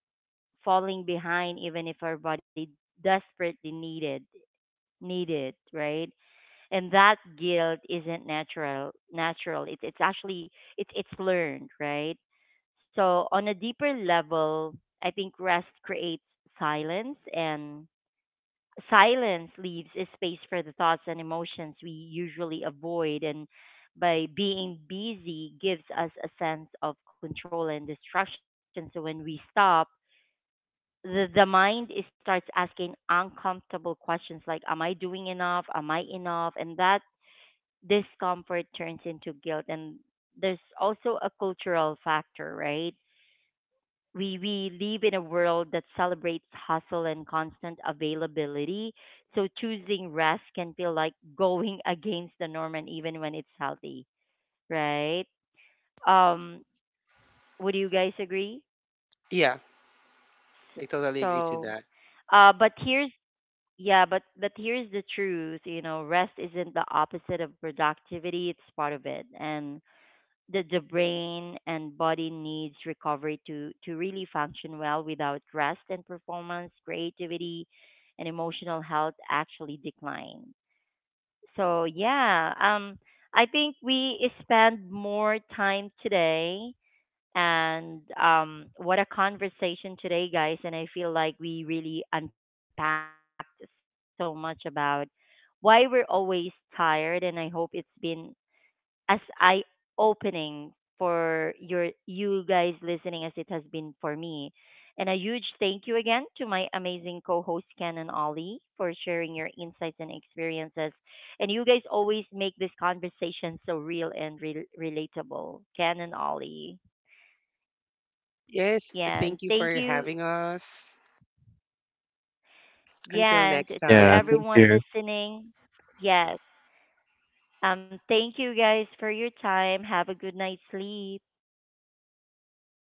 Speaker 1: falling behind, even if our body desperately need it, right? And that guilt isn't natural, it's actually, it's learned, right? So on a deeper level, I think rest creates silence, and silence leaves a space for the thoughts and emotions we usually avoid. And by being busy gives us a sense of control and distraction, so when we stop, the mind is starts asking uncomfortable questions like, am I doing enough, am I enough, and that discomfort turns into guilt. And there's also a cultural factor, right? We live in a world that celebrates hustle and constant availability, so choosing rest can feel like going against the norm, and even when it's healthy, right? um would you guys agree?
Speaker 3: Yeah,
Speaker 1: S-
Speaker 3: I totally agree to
Speaker 1: So
Speaker 3: that.
Speaker 1: but here's, yeah, but here's the truth, you know, rest isn't the opposite of productivity, it's part of it. And that the brain and body needs recovery to really function well. Without rest and performance, creativity and emotional health actually decline. So yeah, I think we spend more time today, and what a conversation today, guys. And I feel like we really unpacked so much about why we're always tired, and I hope it's been as eye opening for you guys listening as it has been for me. And a huge thank you again to my amazing co-hosts Ken and Ollie for sharing your insights and experiences. And you guys always make this conversation so real and relatable. Ken and Ollie.
Speaker 3: Yes,
Speaker 1: Yeah, and
Speaker 3: thank you
Speaker 1: thank
Speaker 3: for
Speaker 1: you.
Speaker 3: having us. Until
Speaker 1: Yeah, and
Speaker 3: next
Speaker 1: to
Speaker 2: Yeah,
Speaker 3: time.
Speaker 2: thank
Speaker 1: everyone
Speaker 2: you.
Speaker 1: listening. Yes. Thank you guys for your time. Have a good night's sleep. Take care.